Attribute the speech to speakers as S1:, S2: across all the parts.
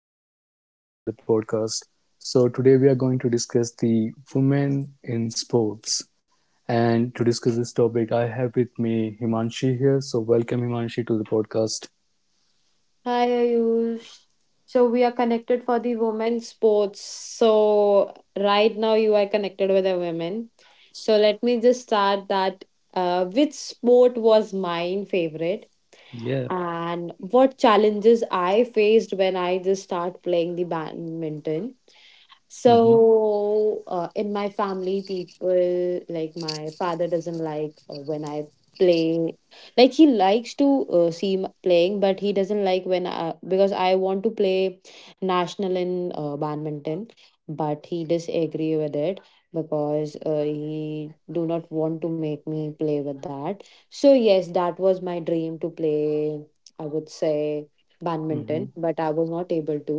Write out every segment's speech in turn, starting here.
S1: and welcome back to the podcast. So today we are going to discuss the women in sports. And to discuss this topic, I have with me Himanshi here. So welcome Himanshi to the podcast.
S2: Hi, Ayush. So we are connected for the women's sports. So right now you are connected with a woman. So let me just start that. Which sport was mine favorite,
S1: Yeah.
S2: and what challenges I faced when I just start playing the badminton.
S1: Mm-hmm.
S2: So, in my family, people like my father doesn't like when I play, like he likes to see playing, but he doesn't like when I, because I want to play national in badminton, but he disagree with it because he do not want to make me play with that. So yes, that was my dream to play, I would say, badminton,
S1: Mm-hmm.
S2: but I was not able to.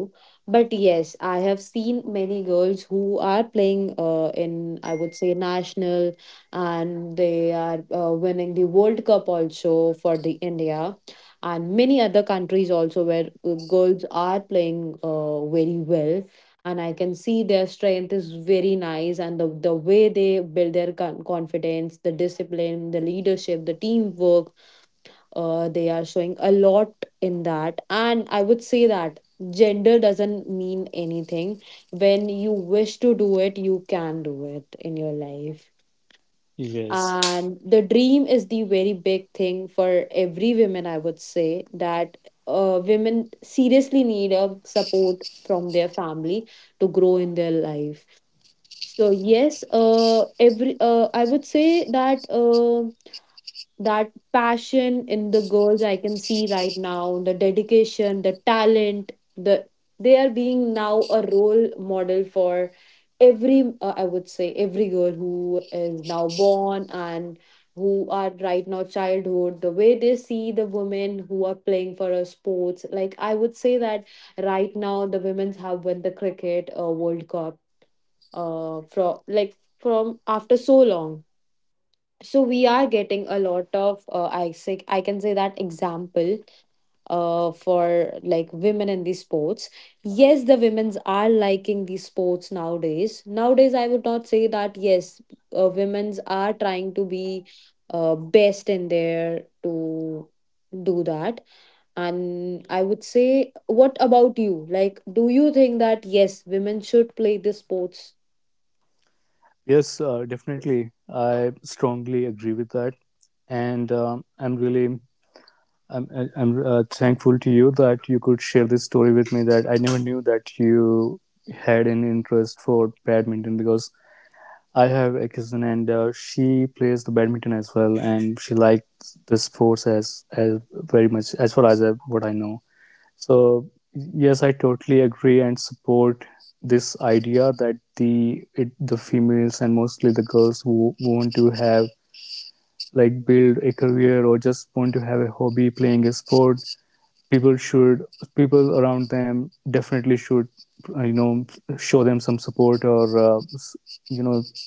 S2: But yes, I have seen many girls who are playing in, I would say, national, and they are winning the World Cup also for the India, and many other countries also where girls are playing very well, and I can see their strength is very nice and the way they build their confidence, the discipline, the leadership, the teamwork, they are showing a lot in that. And I would say that gender doesn't mean anything. When you wish to do it, you can do it in your life.
S1: Yes.
S2: And the dream is the very big thing for every woman, I would say that women seriously need a support from their family to grow in their life. So yes, every I would say that that passion in the girls I can see right now, the dedication, the talent, the they are being now a role model for every, I would say, every girl who is now born and who are right now childhood, the way they see the women who are playing for a sports. Like, I would say that right now the women's have won the cricket world cup from like from after so long. So we are getting a lot of, I can say, that example for like women in these sports. Yes, the women's are liking these sports nowadays. Nowadays, I would not say that. Yes, women's are trying to be best in there to do that. And I would say, what about you? Like, do you think that yes, women should play the sports?
S1: Yes, definitely. I strongly agree with that. And I'm really I'm I am thankful to you that you could share this story with me. That I never knew that you had an interest for badminton because I have a cousin and she plays the badminton as well, and she likes the sports as very much as far as what I know. So yes, I totally agree and support this idea that the females and mostly the girls who want to have like build a career or just want to have a hobby playing a sport people should people around them definitely should uh, you know show them some support or you know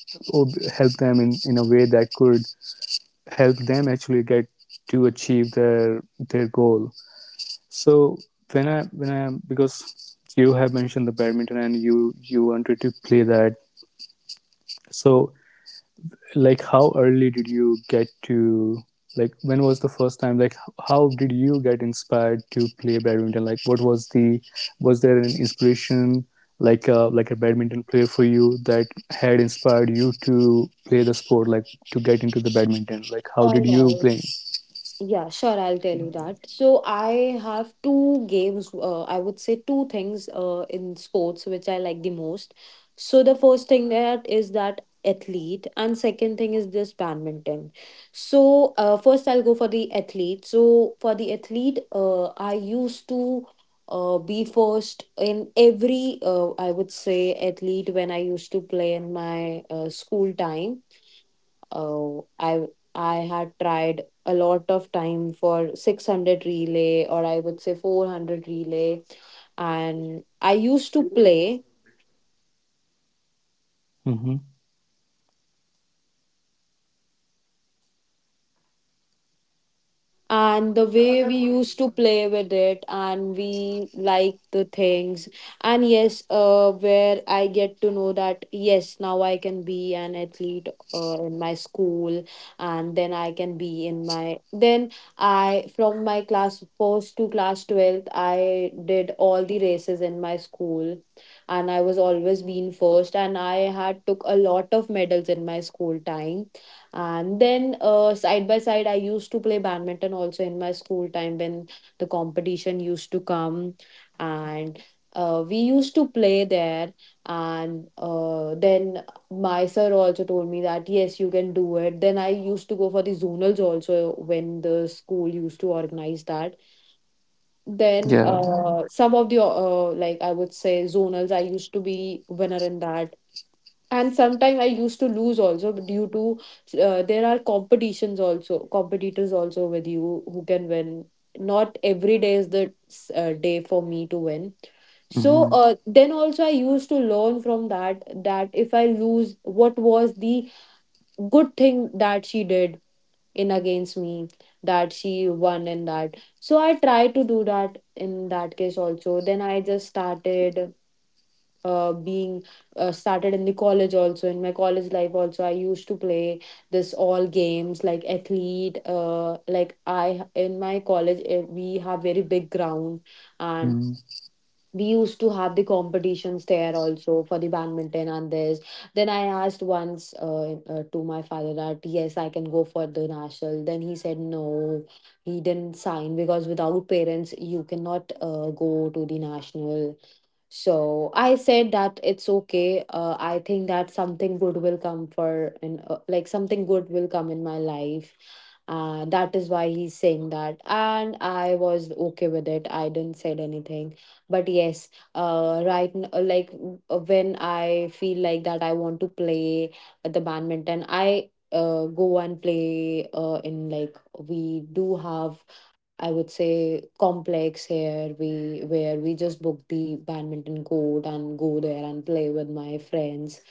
S1: or help them in a way that could help them actually get to achieve their goal. So when I because you have mentioned the badminton and you wanted to play that, so like how early did you get to, like when was the first time, like how did you get inspired to play badminton, like what was the, was there an inspiration, like a badminton player for you that had inspired you to play the sport, like to get into the badminton, like how
S2: All
S1: did
S2: right.
S1: you play?
S2: Yeah, sure, I'll tell you that. So I have two games, I would say two things in sports which I like the most. So the first thing that is that athlete, and second thing is this badminton. So first I'll go for the athlete. So for the athlete, I used to be first in every, I would say, athlete when I used to play in my school time. Oh, I I had tried a lot of time for 600 relay, or I would say 400 relay, and I used to play.
S1: Mm-hmm.
S2: And the way we used to play with it, and we like the things. And yes, where I get to know that yes, now I can be an athlete in my school, and then I can be in my then. I, from my class first to class 12th, I did all the races in my school, and I was always being first, and I had took a lot of medals in my school time. And then, side by side, I used to play badminton also in my school time when the competition used to come, and we used to play there. And then my sir also told me that yes, you can do it. Then I used to go for the zonals also when the school used to organize that. Then
S1: Yeah.
S2: some of the, like I would say, zonals, I used to be winner in that, and sometimes I used to lose also due to there are competitions also, competitors also with you who can win. Not every day is the day for me to win. So
S1: Mm-hmm.
S2: then also I used to learn from that, that if I lose, what was the good thing that she did in against me, that she won in that. So I tried to do that in that case also. Then I just started being started in the college also. In my college life also I used to play this all games like athlete, like I in my college, we have very big ground, and
S1: Mm-hmm.
S2: we used to have the competitions there also for the badminton and this. Then I asked once, to my father that yes, I can go for the national. Then he said no. He didn't sign because without parents you cannot go to the national. So I said that it's okay. I think that something good will come for, and like something good will come in my life. That is why he's saying that, and I was okay with it. I didn't said anything. But yes, when I feel like that I want to play at the badminton, I go and play in, like we do have, I would say, complex here, we where we just book the badminton court and go there and play with my friends,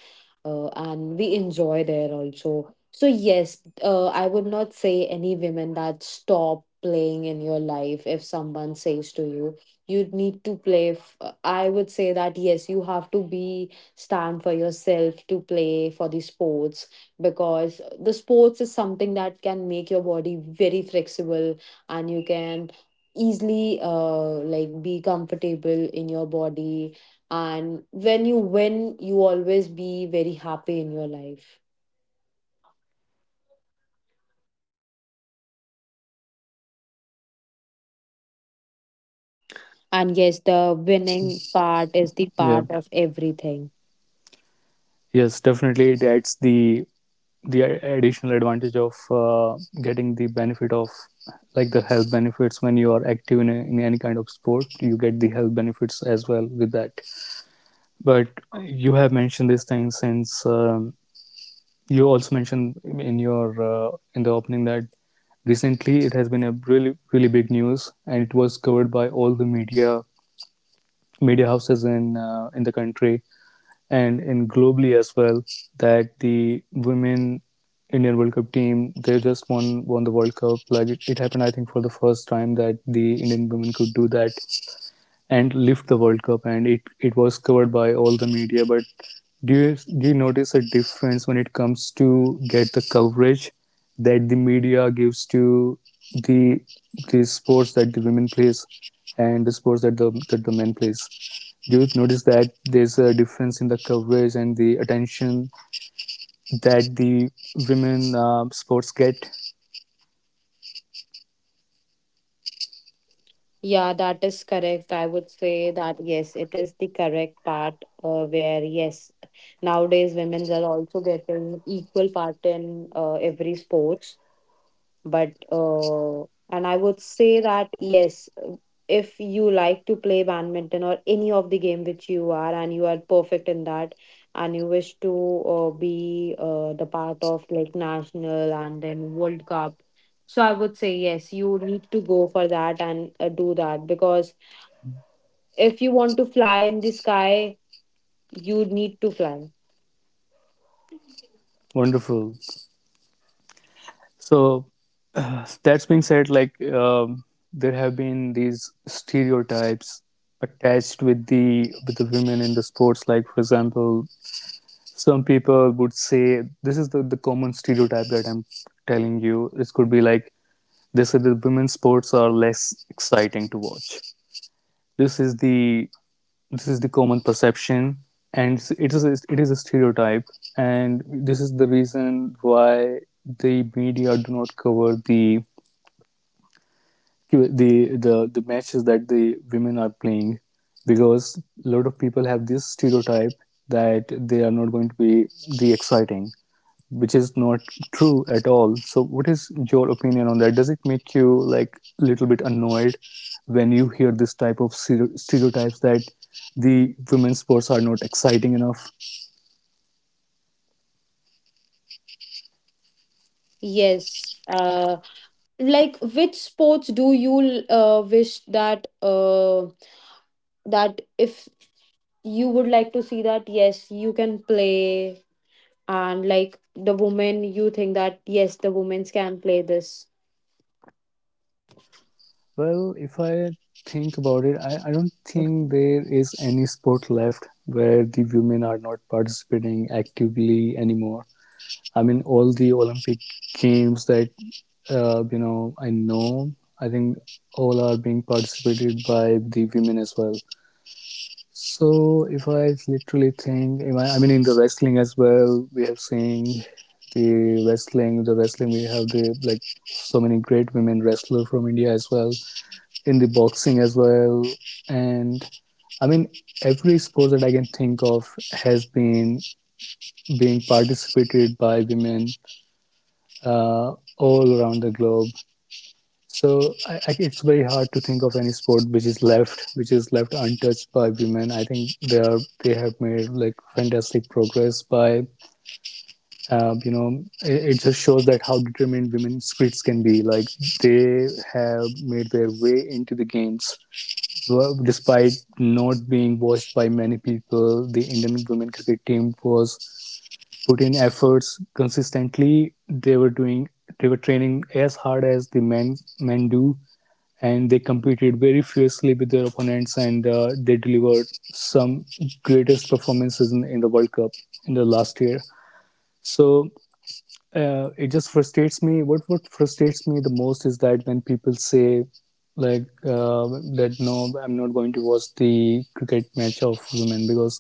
S2: and we enjoy there also. So yes, I would not say any women that stop playing in your life. If someone says to you, you need to play I would say that yes, you have to be stand for yourself to play for the sports, because the sports is something that can make your body very flexible, and you can easily, like, be comfortable in your body. And when you win, you always be very happy in your life. And yes, the winning part is the part
S1: Yeah,
S2: of everything.
S1: yes definitely it adds the additional advantage of getting the benefit of like the health benefits. When you are active in any kind of sport you get the health benefits as well with that. But you have mentioned this thing since you also mentioned in your in the opening that recently it has been a really really big news and it was covered by all the media houses in the country and in globally as well. That the women Indian World Cup team, they just won the World Cup, like it happened I think for the first time that the Indian women could do that and lift the World Cup, and it was covered by all the media. But do you notice a difference when it comes to get the coverage that the media gives to the the sports that the women plays and the sports that the men plays? Do you notice that there's a difference in the coverage and the attention that the women sports get?
S2: Yeah, that is correct. I would say that yes, it is the correct part where yes, nowadays women are also getting equal part in every sports. But and I would say that yes, if you like to play badminton or any of the game which you are and you are perfect in that, and you wish to be the part of like national and then world cup, so I would say yes, you need to go for that and do that. Because if you want to fly in the sky, you need to fly.
S1: Wonderful. So that's being said, like there have been these stereotypes attached with the women in the sports. Like for example, some people would say this is the common stereotype that I'm telling you. This could be like they say that women's sports are less exciting to watch. This is the common perception, and it is it is a stereotype, and this is the reason why the media do not cover the the matches that the women are playing, because a lot of people have this stereotype that they are not going to be the exciting, which is not true at all. So what is your opinion on that? Does it make you like a little bit annoyed when you hear this type of stereotypes that the women's sports are not exciting enough?
S2: Yes, like which sports do you wish that that if you would like to see that yes you can play, and like the women, you think that yes the women can play this?
S1: Well, if I think about it, I don't think there is any sport left where the women are not participating actively anymore. I mean, all the Olympic games that I know, I think all are being participated by the women as well. So if I literally think, if I I mean, in the wrestling as well, we have seen the wrestling we have the like so many great women wrestler from India as well, in the boxing as well. And I mean, every sport that I can think of has been being participated by women all around the globe. So it's very hard to think of any sport which is left untouched by women. I think they have made like fantastic progress by, it just shows that how determined women's spirits can be. Like they have made their way into the games. Well, despite not being watched by many people, the Indian women cricket team was put in efforts consistently. They were doing, they were training as hard as the men do, and they competed very fiercely with their opponents, and they delivered some greatest performances in the World Cup in the last year. So it just frustrates me. What frustrates me the most is that when people say like uh, that no, I'm not going to watch the cricket match of women because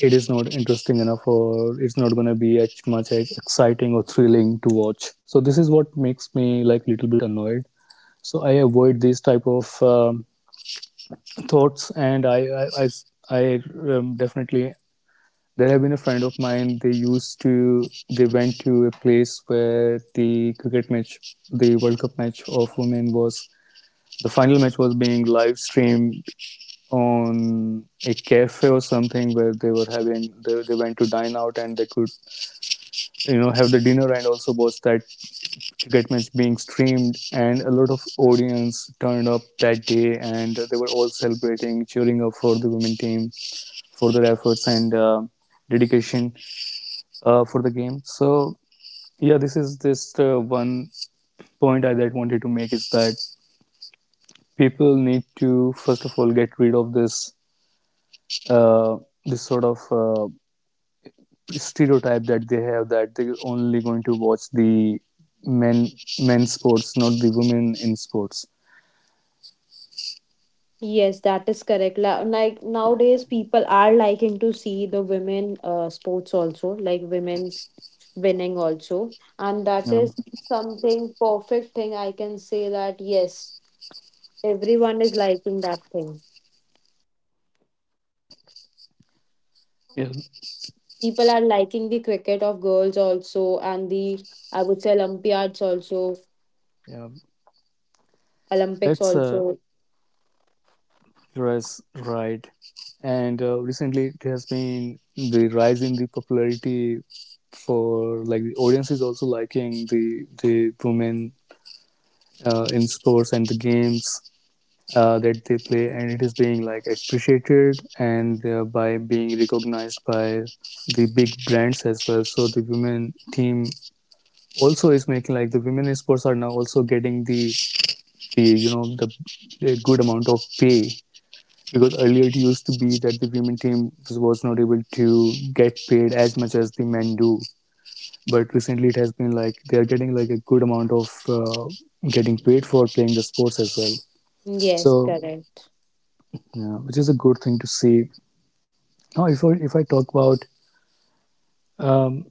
S1: it is not interesting enough or it's not going to be as much exciting or thrilling to watch. So this is what makes me like a little bit annoyed. So I avoid these type of thoughts and I definitely there have been a friend of mine. They went to a place where the cricket match, the world cup match of women was, the final match was being live streamed on a cafe or something where they were having, they went to dine out and they could have the dinner and also watch that cricket match being streamed. And a lot of audience turned up that day and they were all celebrating, cheering up for the women team for their efforts and dedication for the game. So yeah, this is just one point I that wanted to make is that people need to first of all get rid of this uh, this sort of uh, stereotype that they have, that they're only going to watch the men men's sports, not the women in sports.
S2: Yes, that is correct. Like nowadays people are liking to see the women sports also, like women's winning also, and that
S1: Um,
S2: is something perfect thing I can say. That yes, everyone is liking that thing.
S1: yeah,
S2: People are liking the cricket of girls also, and the, I would say, olympiads also,
S1: yeah,
S2: olympics
S1: that's
S2: also.
S1: rise right. And recently, it has been the rise in the popularity for, like the audience is also liking the women in sports and the games that they play, and it is being like appreciated and by being recognized by the big brands as well. So the women team also is making like the women in sports are now also getting the you know the good amount of pay, because earlier it used to be that the women team was not able to get paid as much as the men do. But recently it has been like they are getting like a good amount of getting paid for playing the sports as well.
S2: Yes,
S1: So
S2: correct.
S1: yeah, which is a good thing to see. Now, if I talk about um,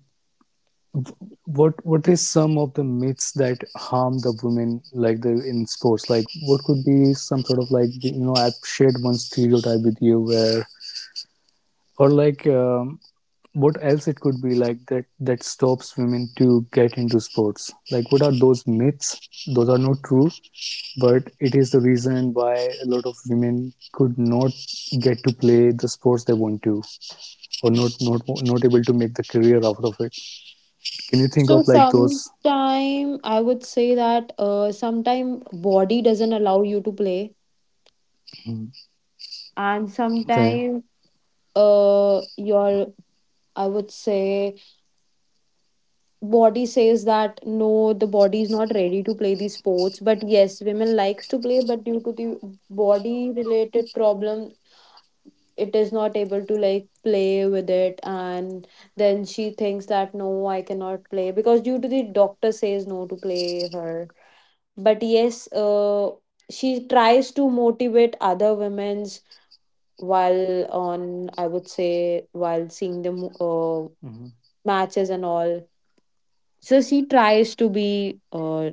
S1: what is some of the myths that harm the women, like the in sports, like what could be some sort of like you know, I've shared one stereotype with you where or like what else it could be like, that that stops women to get into sports, like what are those myths, those are not true, but it is the reason why a lot of women could not get to play the sports they want to, or not able to make the career out of it. Can you think
S2: So
S1: of like those?
S2: sometime I would say that, sometime body doesn't allow you to play.
S1: Mm,
S2: And
S1: okay.
S2: sometime uh your I would say body says that no, the body is not ready to play these sports. But yes, women likes to play, but due to the body related problem, it is not able to like play with it. And then she thinks that no, I cannot play because due to the doctor says no to play her. But yes, she tries to motivate other women's while on, I would say, while seeing the
S1: Mhm.
S2: matches and all. So she tries to be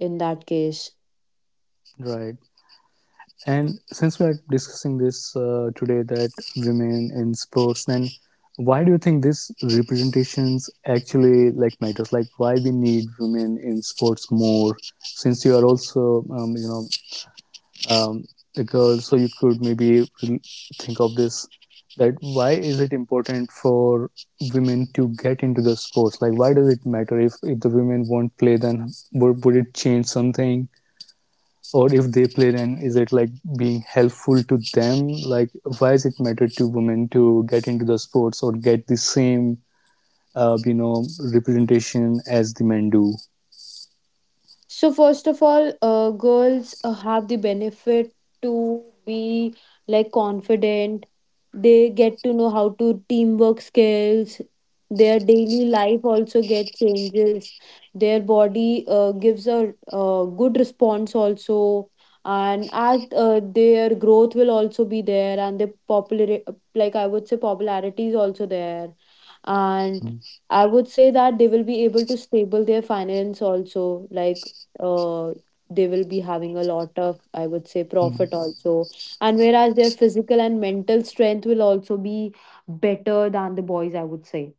S2: in that case.
S1: Right. And since we are discussing this today, that women in sports, then why do you think this representations actually like matters, like why we need women in sports more? Since you are also um, you know um, because so you could maybe think of this, that why is it important for women to get into the sports? Like why does it matter if the women won't play, then would it change something, or if they play then is it like being helpful to them, like why does it matter to women to get into the sports or get the same uh, you know representation as the men do?
S2: So first of all, girls have the benefit to be like confident. They get to know how to teamwork skills. Their daily life also get changes. Their body gives a good response also, and as their growth will also be there, and their popular, like I would say popularity, is also there. And I would say that they will be able to stable their finance also, like uh, they will be having a lot of, I would say, profit
S1: Mhm.
S2: also. And whereas their physical and mental strength will also be better than the boys, I would say,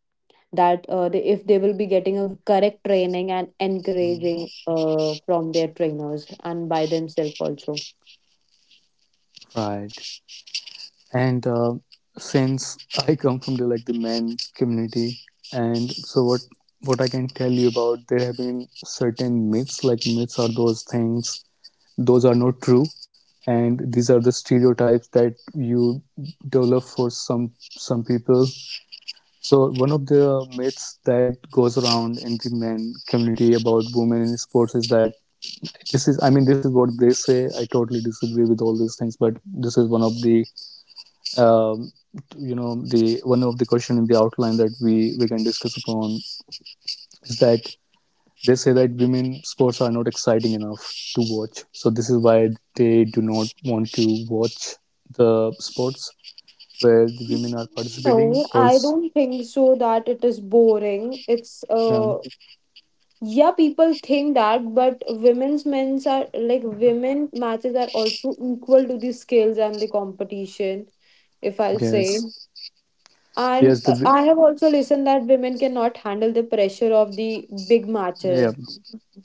S2: that if they will be getting a correct training and encouraging from their trainers and by themselves also.
S1: Right. and since I come from the like the men community, and so what I can tell you about, there have been certain myths. Like, myths are those things, those are not true, and these are the stereotypes that you develop for some people. So one of the myths that goes around in the men community about women in sports is that, this is, I mean, this is what they say, I totally disagree with all these things, but this is one of the um, the one of the question in the outline that we can discuss upon, is that they say that women sports are not exciting enough to watch, so this is why they do not want to watch the sports where the women are participating
S2: No, I
S1: also.
S2: don't think so that it is boring. It's
S1: Yeah,
S2: uh yeah, people think that, but women's men's are like, women matches are also equal to the skills and the competition, if I'll say.
S1: yes,
S2: And
S1: yes,
S2: I have also listened that women cannot handle the pressure of the big
S1: yeah,
S2: matches,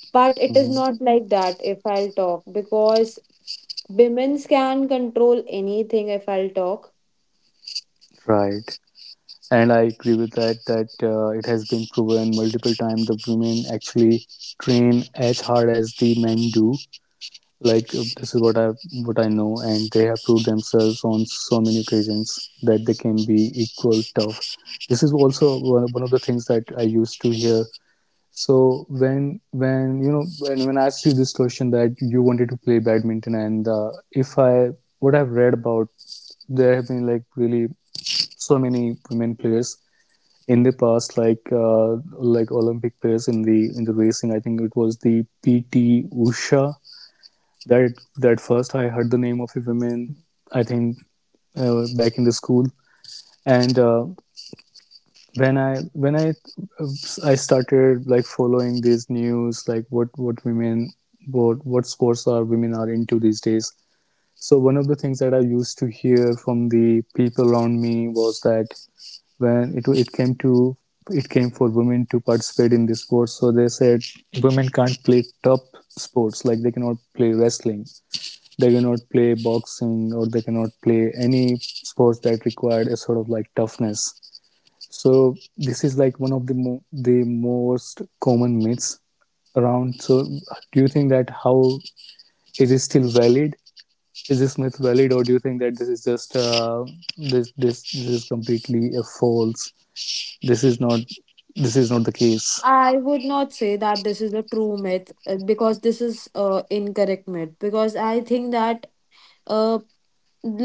S2: but it is
S1: mhm,
S2: not like that, if I'll talk. Because women's can control anything, if I'll talk.
S1: right. And I agree with that, that it has been proven multiple times the women actually train as hard as the men do. Like, this is what I know, and they have proved themselves on so many occasions that they can be equal tough. This is also one of the things that I used to hear. So when I asked you this question that you wanted to play badminton, and if I, what I've read about, there have been like really so many women players in the past, like Olympic players in the racing. I think it was the PT Usha that first I heard the name of a woman, I think back in the school, and when I started like following these news, like what women, what sports are women are into these days. So one of the things that I used to hear from the people around me was that when it came to, it came for women to participate in this sport, so they said women can't play top sports, like they cannot play wrestling, they cannot play boxing, or they cannot play any sports that required a sort of like toughness. So this is like one of the the most common myths around. So do you think that, how, is it still valid, is this myth valid, or do you think that this is just this is completely a false, this is not, this is not the case?
S2: I would not say that this is a true myth. Because this is incorrect myth, because I think that uh,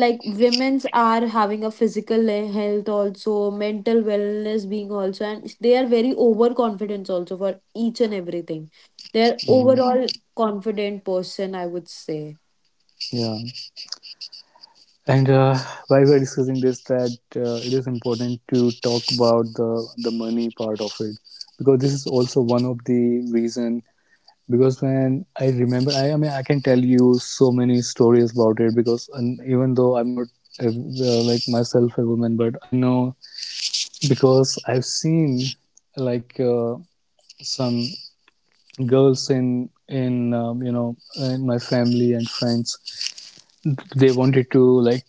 S2: like women's are having a physical health also, mental wellness being also, and they are very overconfident also for each and everything. They're
S1: Mhm.
S2: overall confident person, I would say.
S1: Yeah. And while we're discussing this, that it is important to talk about the money part of it, because this is also one of the reason. Because when I remember, I mean, I can tell you so many stories about it, because and even though I'm not like myself a woman, but I know, because I've seen like some girls in in my family and friends, they wanted to like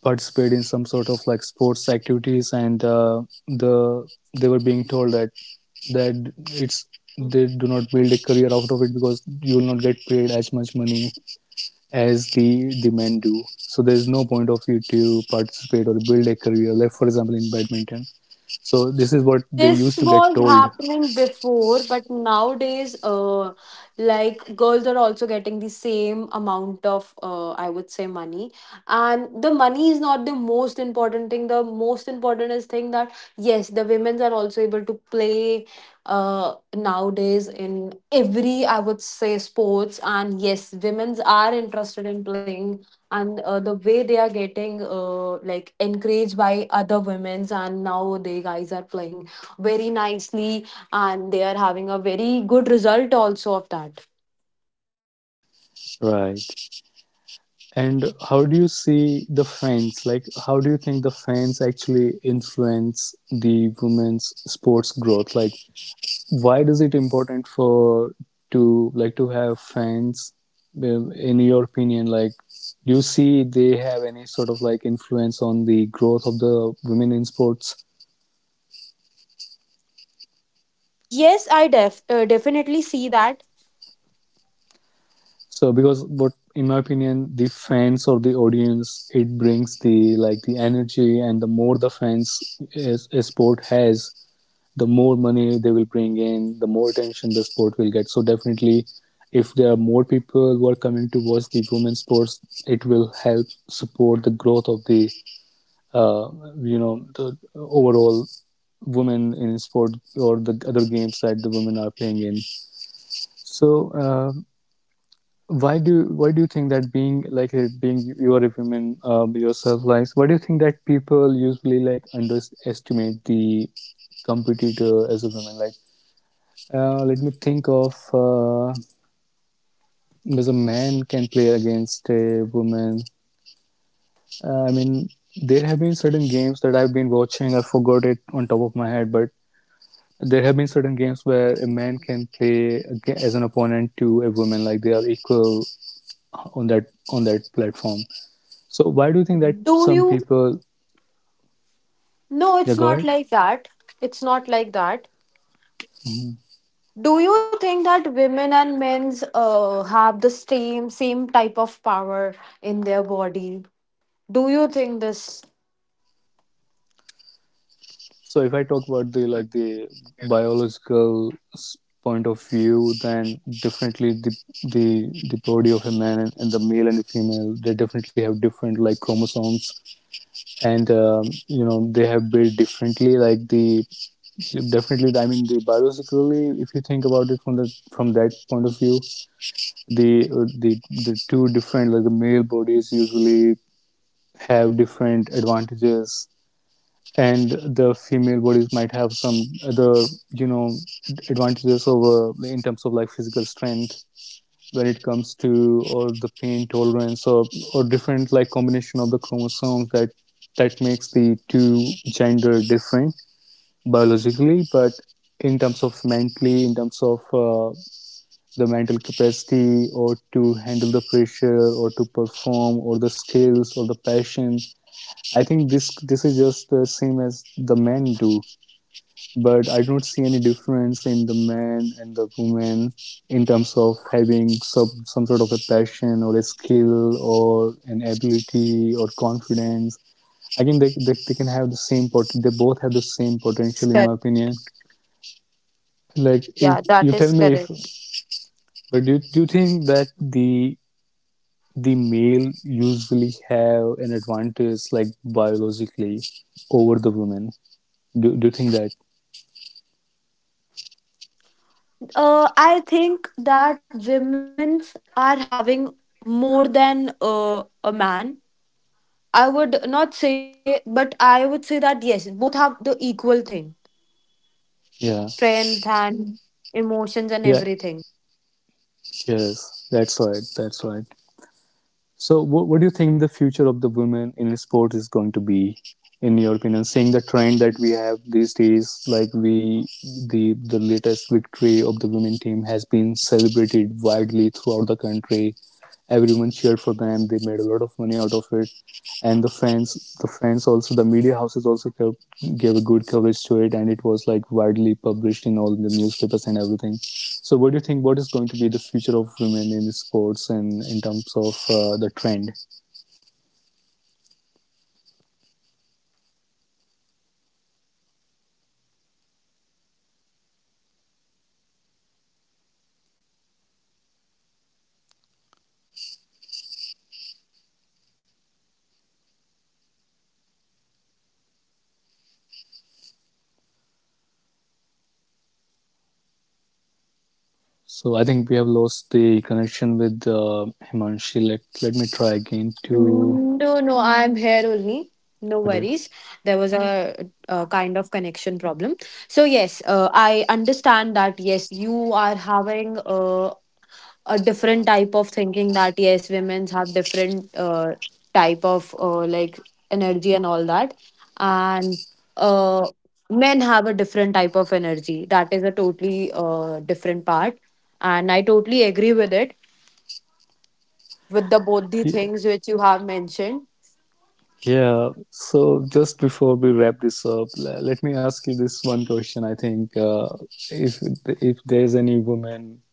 S1: participate in some sort of like sports activities, and the they were being told that, that it's, they do not build a career out of it because you will not get paid as much money as the men do, so there's no point of you to participate or build a career, like for example in badminton. So this is what they used
S2: This
S1: to get
S2: was
S1: told.
S2: happening before, but nowadays, like girls are also getting the same amount of, I would say, money. And the money is not the most important thing. The most important is thing that yes, the women's are also able to play, nowadays in every, I would say, sports. And yes, women's are interested in playing. And the way they are getting like encouraged by other women's, and now they guys are playing very nicely, and they are having a very good result also of that.
S1: Right. And how do you see the fans? Like, how do you think the fans actually influence the women's sports growth? Like, why does it important for to like to have fans? In your opinion, like, do you see they have any sort of like influence on the growth of the women in sports?
S2: Yes, I definitely see that.
S1: So, because what in my opinion, the fans or the audience, it brings the like the energy, and the more the fans a sport has, the more money they will bring in, the more attention the sport will get. So definitely, if there are more people who are coming to watch the women's sports, it will help support the growth of the uh, the overall women in sport, or the other games that the women are playing in. So. Why do you think that being like being you are a woman yourself, like why do you think that people usually like underestimate the competitor as a woman, like let me think of, does a man can play against a woman. I mean, there have been certain games that I've been watching. I forgot it on top of my head, but there have been certain games where a man can play as an opponent to a woman, like they are equal on that platform. So why do you think that
S2: Do
S1: some
S2: you,
S1: people?
S2: no,
S1: Yeah,
S2: it's
S1: go
S2: not like that. It's not like that.
S1: ahead.
S2: Do you think that women and men's have the same type of power in their body? Do you think this?
S1: So if I talk about the like the biological point of view, then definitely the body of a man and the male and the female, they definitely have different like chromosomes, and they have built differently. Like the, definitely, I mean the biologically, if you think about it from the from that point of view, the uh, the the two different like the male bodies usually have different advantages, and the female bodies might have some other you know advantages over in terms of like physical strength when it comes to, or the pain tolerance, or different like combination of the chromosomes that that makes the two gender different biologically. But in terms of mentally, in terms of the mental capacity, or to handle the pressure, or to perform, or the skills, or the passion, I think this is just the same as the men do. But I don't see any difference in the man and the woman in terms of having some sort of a passion, or a skill, or an ability, or confidence. I think they can have the same pot. They both have the same potential, in my
S2: Correct.
S1: opinion. Like,
S2: Yeah,
S1: if
S2: that
S1: you
S2: is
S1: tell me if,
S2: correct.
S1: but do you think that the male usually have an advantage, like biologically, over the women? Do you think that?
S2: I think that women's are having more than a man. I would not say, but I would say that yes, both have the equal thing:
S1: Yeah,
S2: strength and emotions and
S1: yeah,
S2: everything.
S1: yes, that's right, that's right. So, what do you think the future of the women in sports is going to be, in your opinion? Seeing the trend that we have these days, like we, the latest victory of the women team has been celebrated widely throughout the country, everyone cheered for them, they made a lot of money out of it, and the fans also, the media houses also gave a good coverage to it, and it was like widely published in all the newspapers and everything. So what do you think, what is going to be the future of women in sports, and in terms of the trend? So I think we have lost the connection with Himanshi. Let me try again to.
S2: No, no, I'm here only. No
S1: Okay.
S2: worries. There was a, kind of connection problem. So yes, I understand that yes, you are having a different type of thinking, that yes, women have different type of like energy and all that. And uh, men have a different type of energy. That is a totally different part. And I totally agree with it, with the both
S1: He-
S2: the things which you have mentioned.
S1: Yeah, so just before we wrap this up, let me ask you this one question. I think if if there's any woman,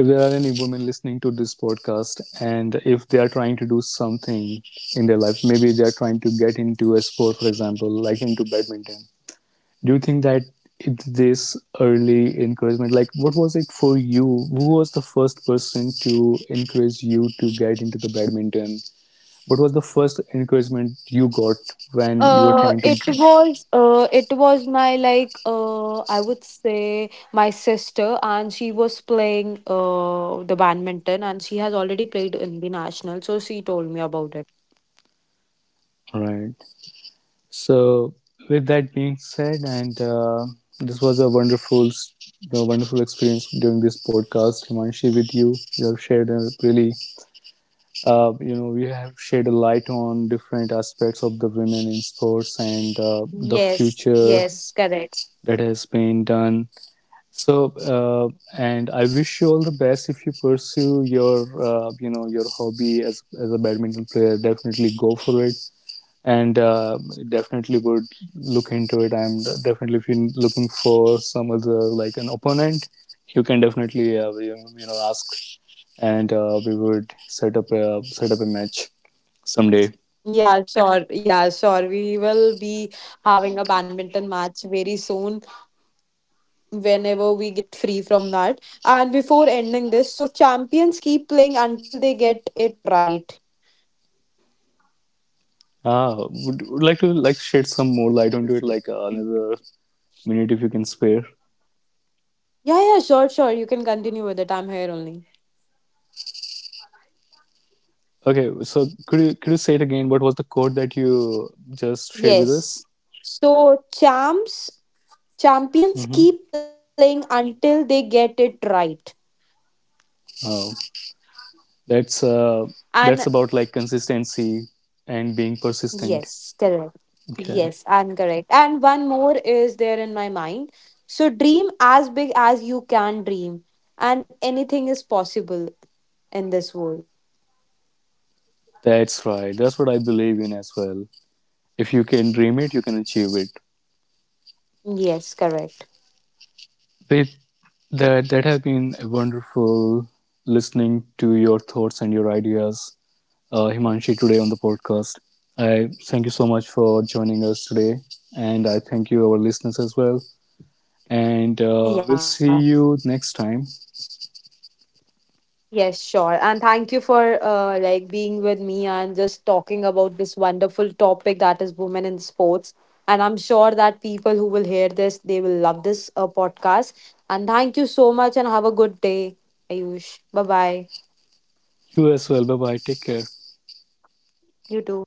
S1: if there are any women listening to this podcast, and if they are trying to do something in their life, maybe they are trying to get into a sport, for example, like into badminton. Do you think that it's this early encouragement? Like, what was it for you? Who was the first person to encourage you to get into the badminton? What was the first encouragement you got when you were trying to?
S2: It was my, like, I would say, my sister, and she was playing the badminton, and she has already played in the national, so she told me about it.
S1: Right. So with that being said, and this was a wonderful a wonderful experience during this podcast, Himanshi, with you. You have shared a really we have shed a light on different aspects of the women in sports, and
S2: Yes,
S1: the
S2: yes,
S1: future
S2: correct.
S1: that has been done. So, and I wish you all the best if you pursue your, your hobby as a badminton player. Definitely go for it, and definitely would look into it. I'm definitely, if you're looking for some other like an opponent, you can definitely you, you know ask, and we would set up a match someday.
S2: Yeah, sure. Yeah, sure. We will be having a badminton match very soon, whenever we get free from that. And before ending this, so champions keep playing until they get it right.
S1: Ah, would like to like shed some more light onto it, like another minute if you can spare.
S2: Yeah, yeah, sure, sure. You can continue with it. I'm here only.
S1: Okay, so could you say it again? What was the quote that you just shared with us?
S2: Yes. So champs
S1: Mm-hmm.
S2: champions keep playing until they get it right.
S1: Oh, that's uh, that's
S2: And
S1: about like consistency and being persistent.
S2: yes, correct.
S1: Okay.
S2: Yes, and correct. And one more is there in my mind. So dream as big as you can dream. And anything is possible in this world.
S1: That's right. That's what I believe in as well. If you can dream it, you can achieve it.
S2: Yes, correct.
S1: With that, that has been wonderful listening to your thoughts and your ideas, Himanshi, today on the podcast. I thank you so much for joining us today, and I thank you, our listeners, as well. And we'll
S2: Yeah.
S1: see you next time.
S2: Yes, sure. And thank you for like being with me and just talking about this wonderful topic that is women in sports. And I'm sure that people who will hear this, they will love this podcast. And thank you so much and have a good day, Ayush. Bye bye.
S1: You as well. Bye bye. Take care.
S2: You too.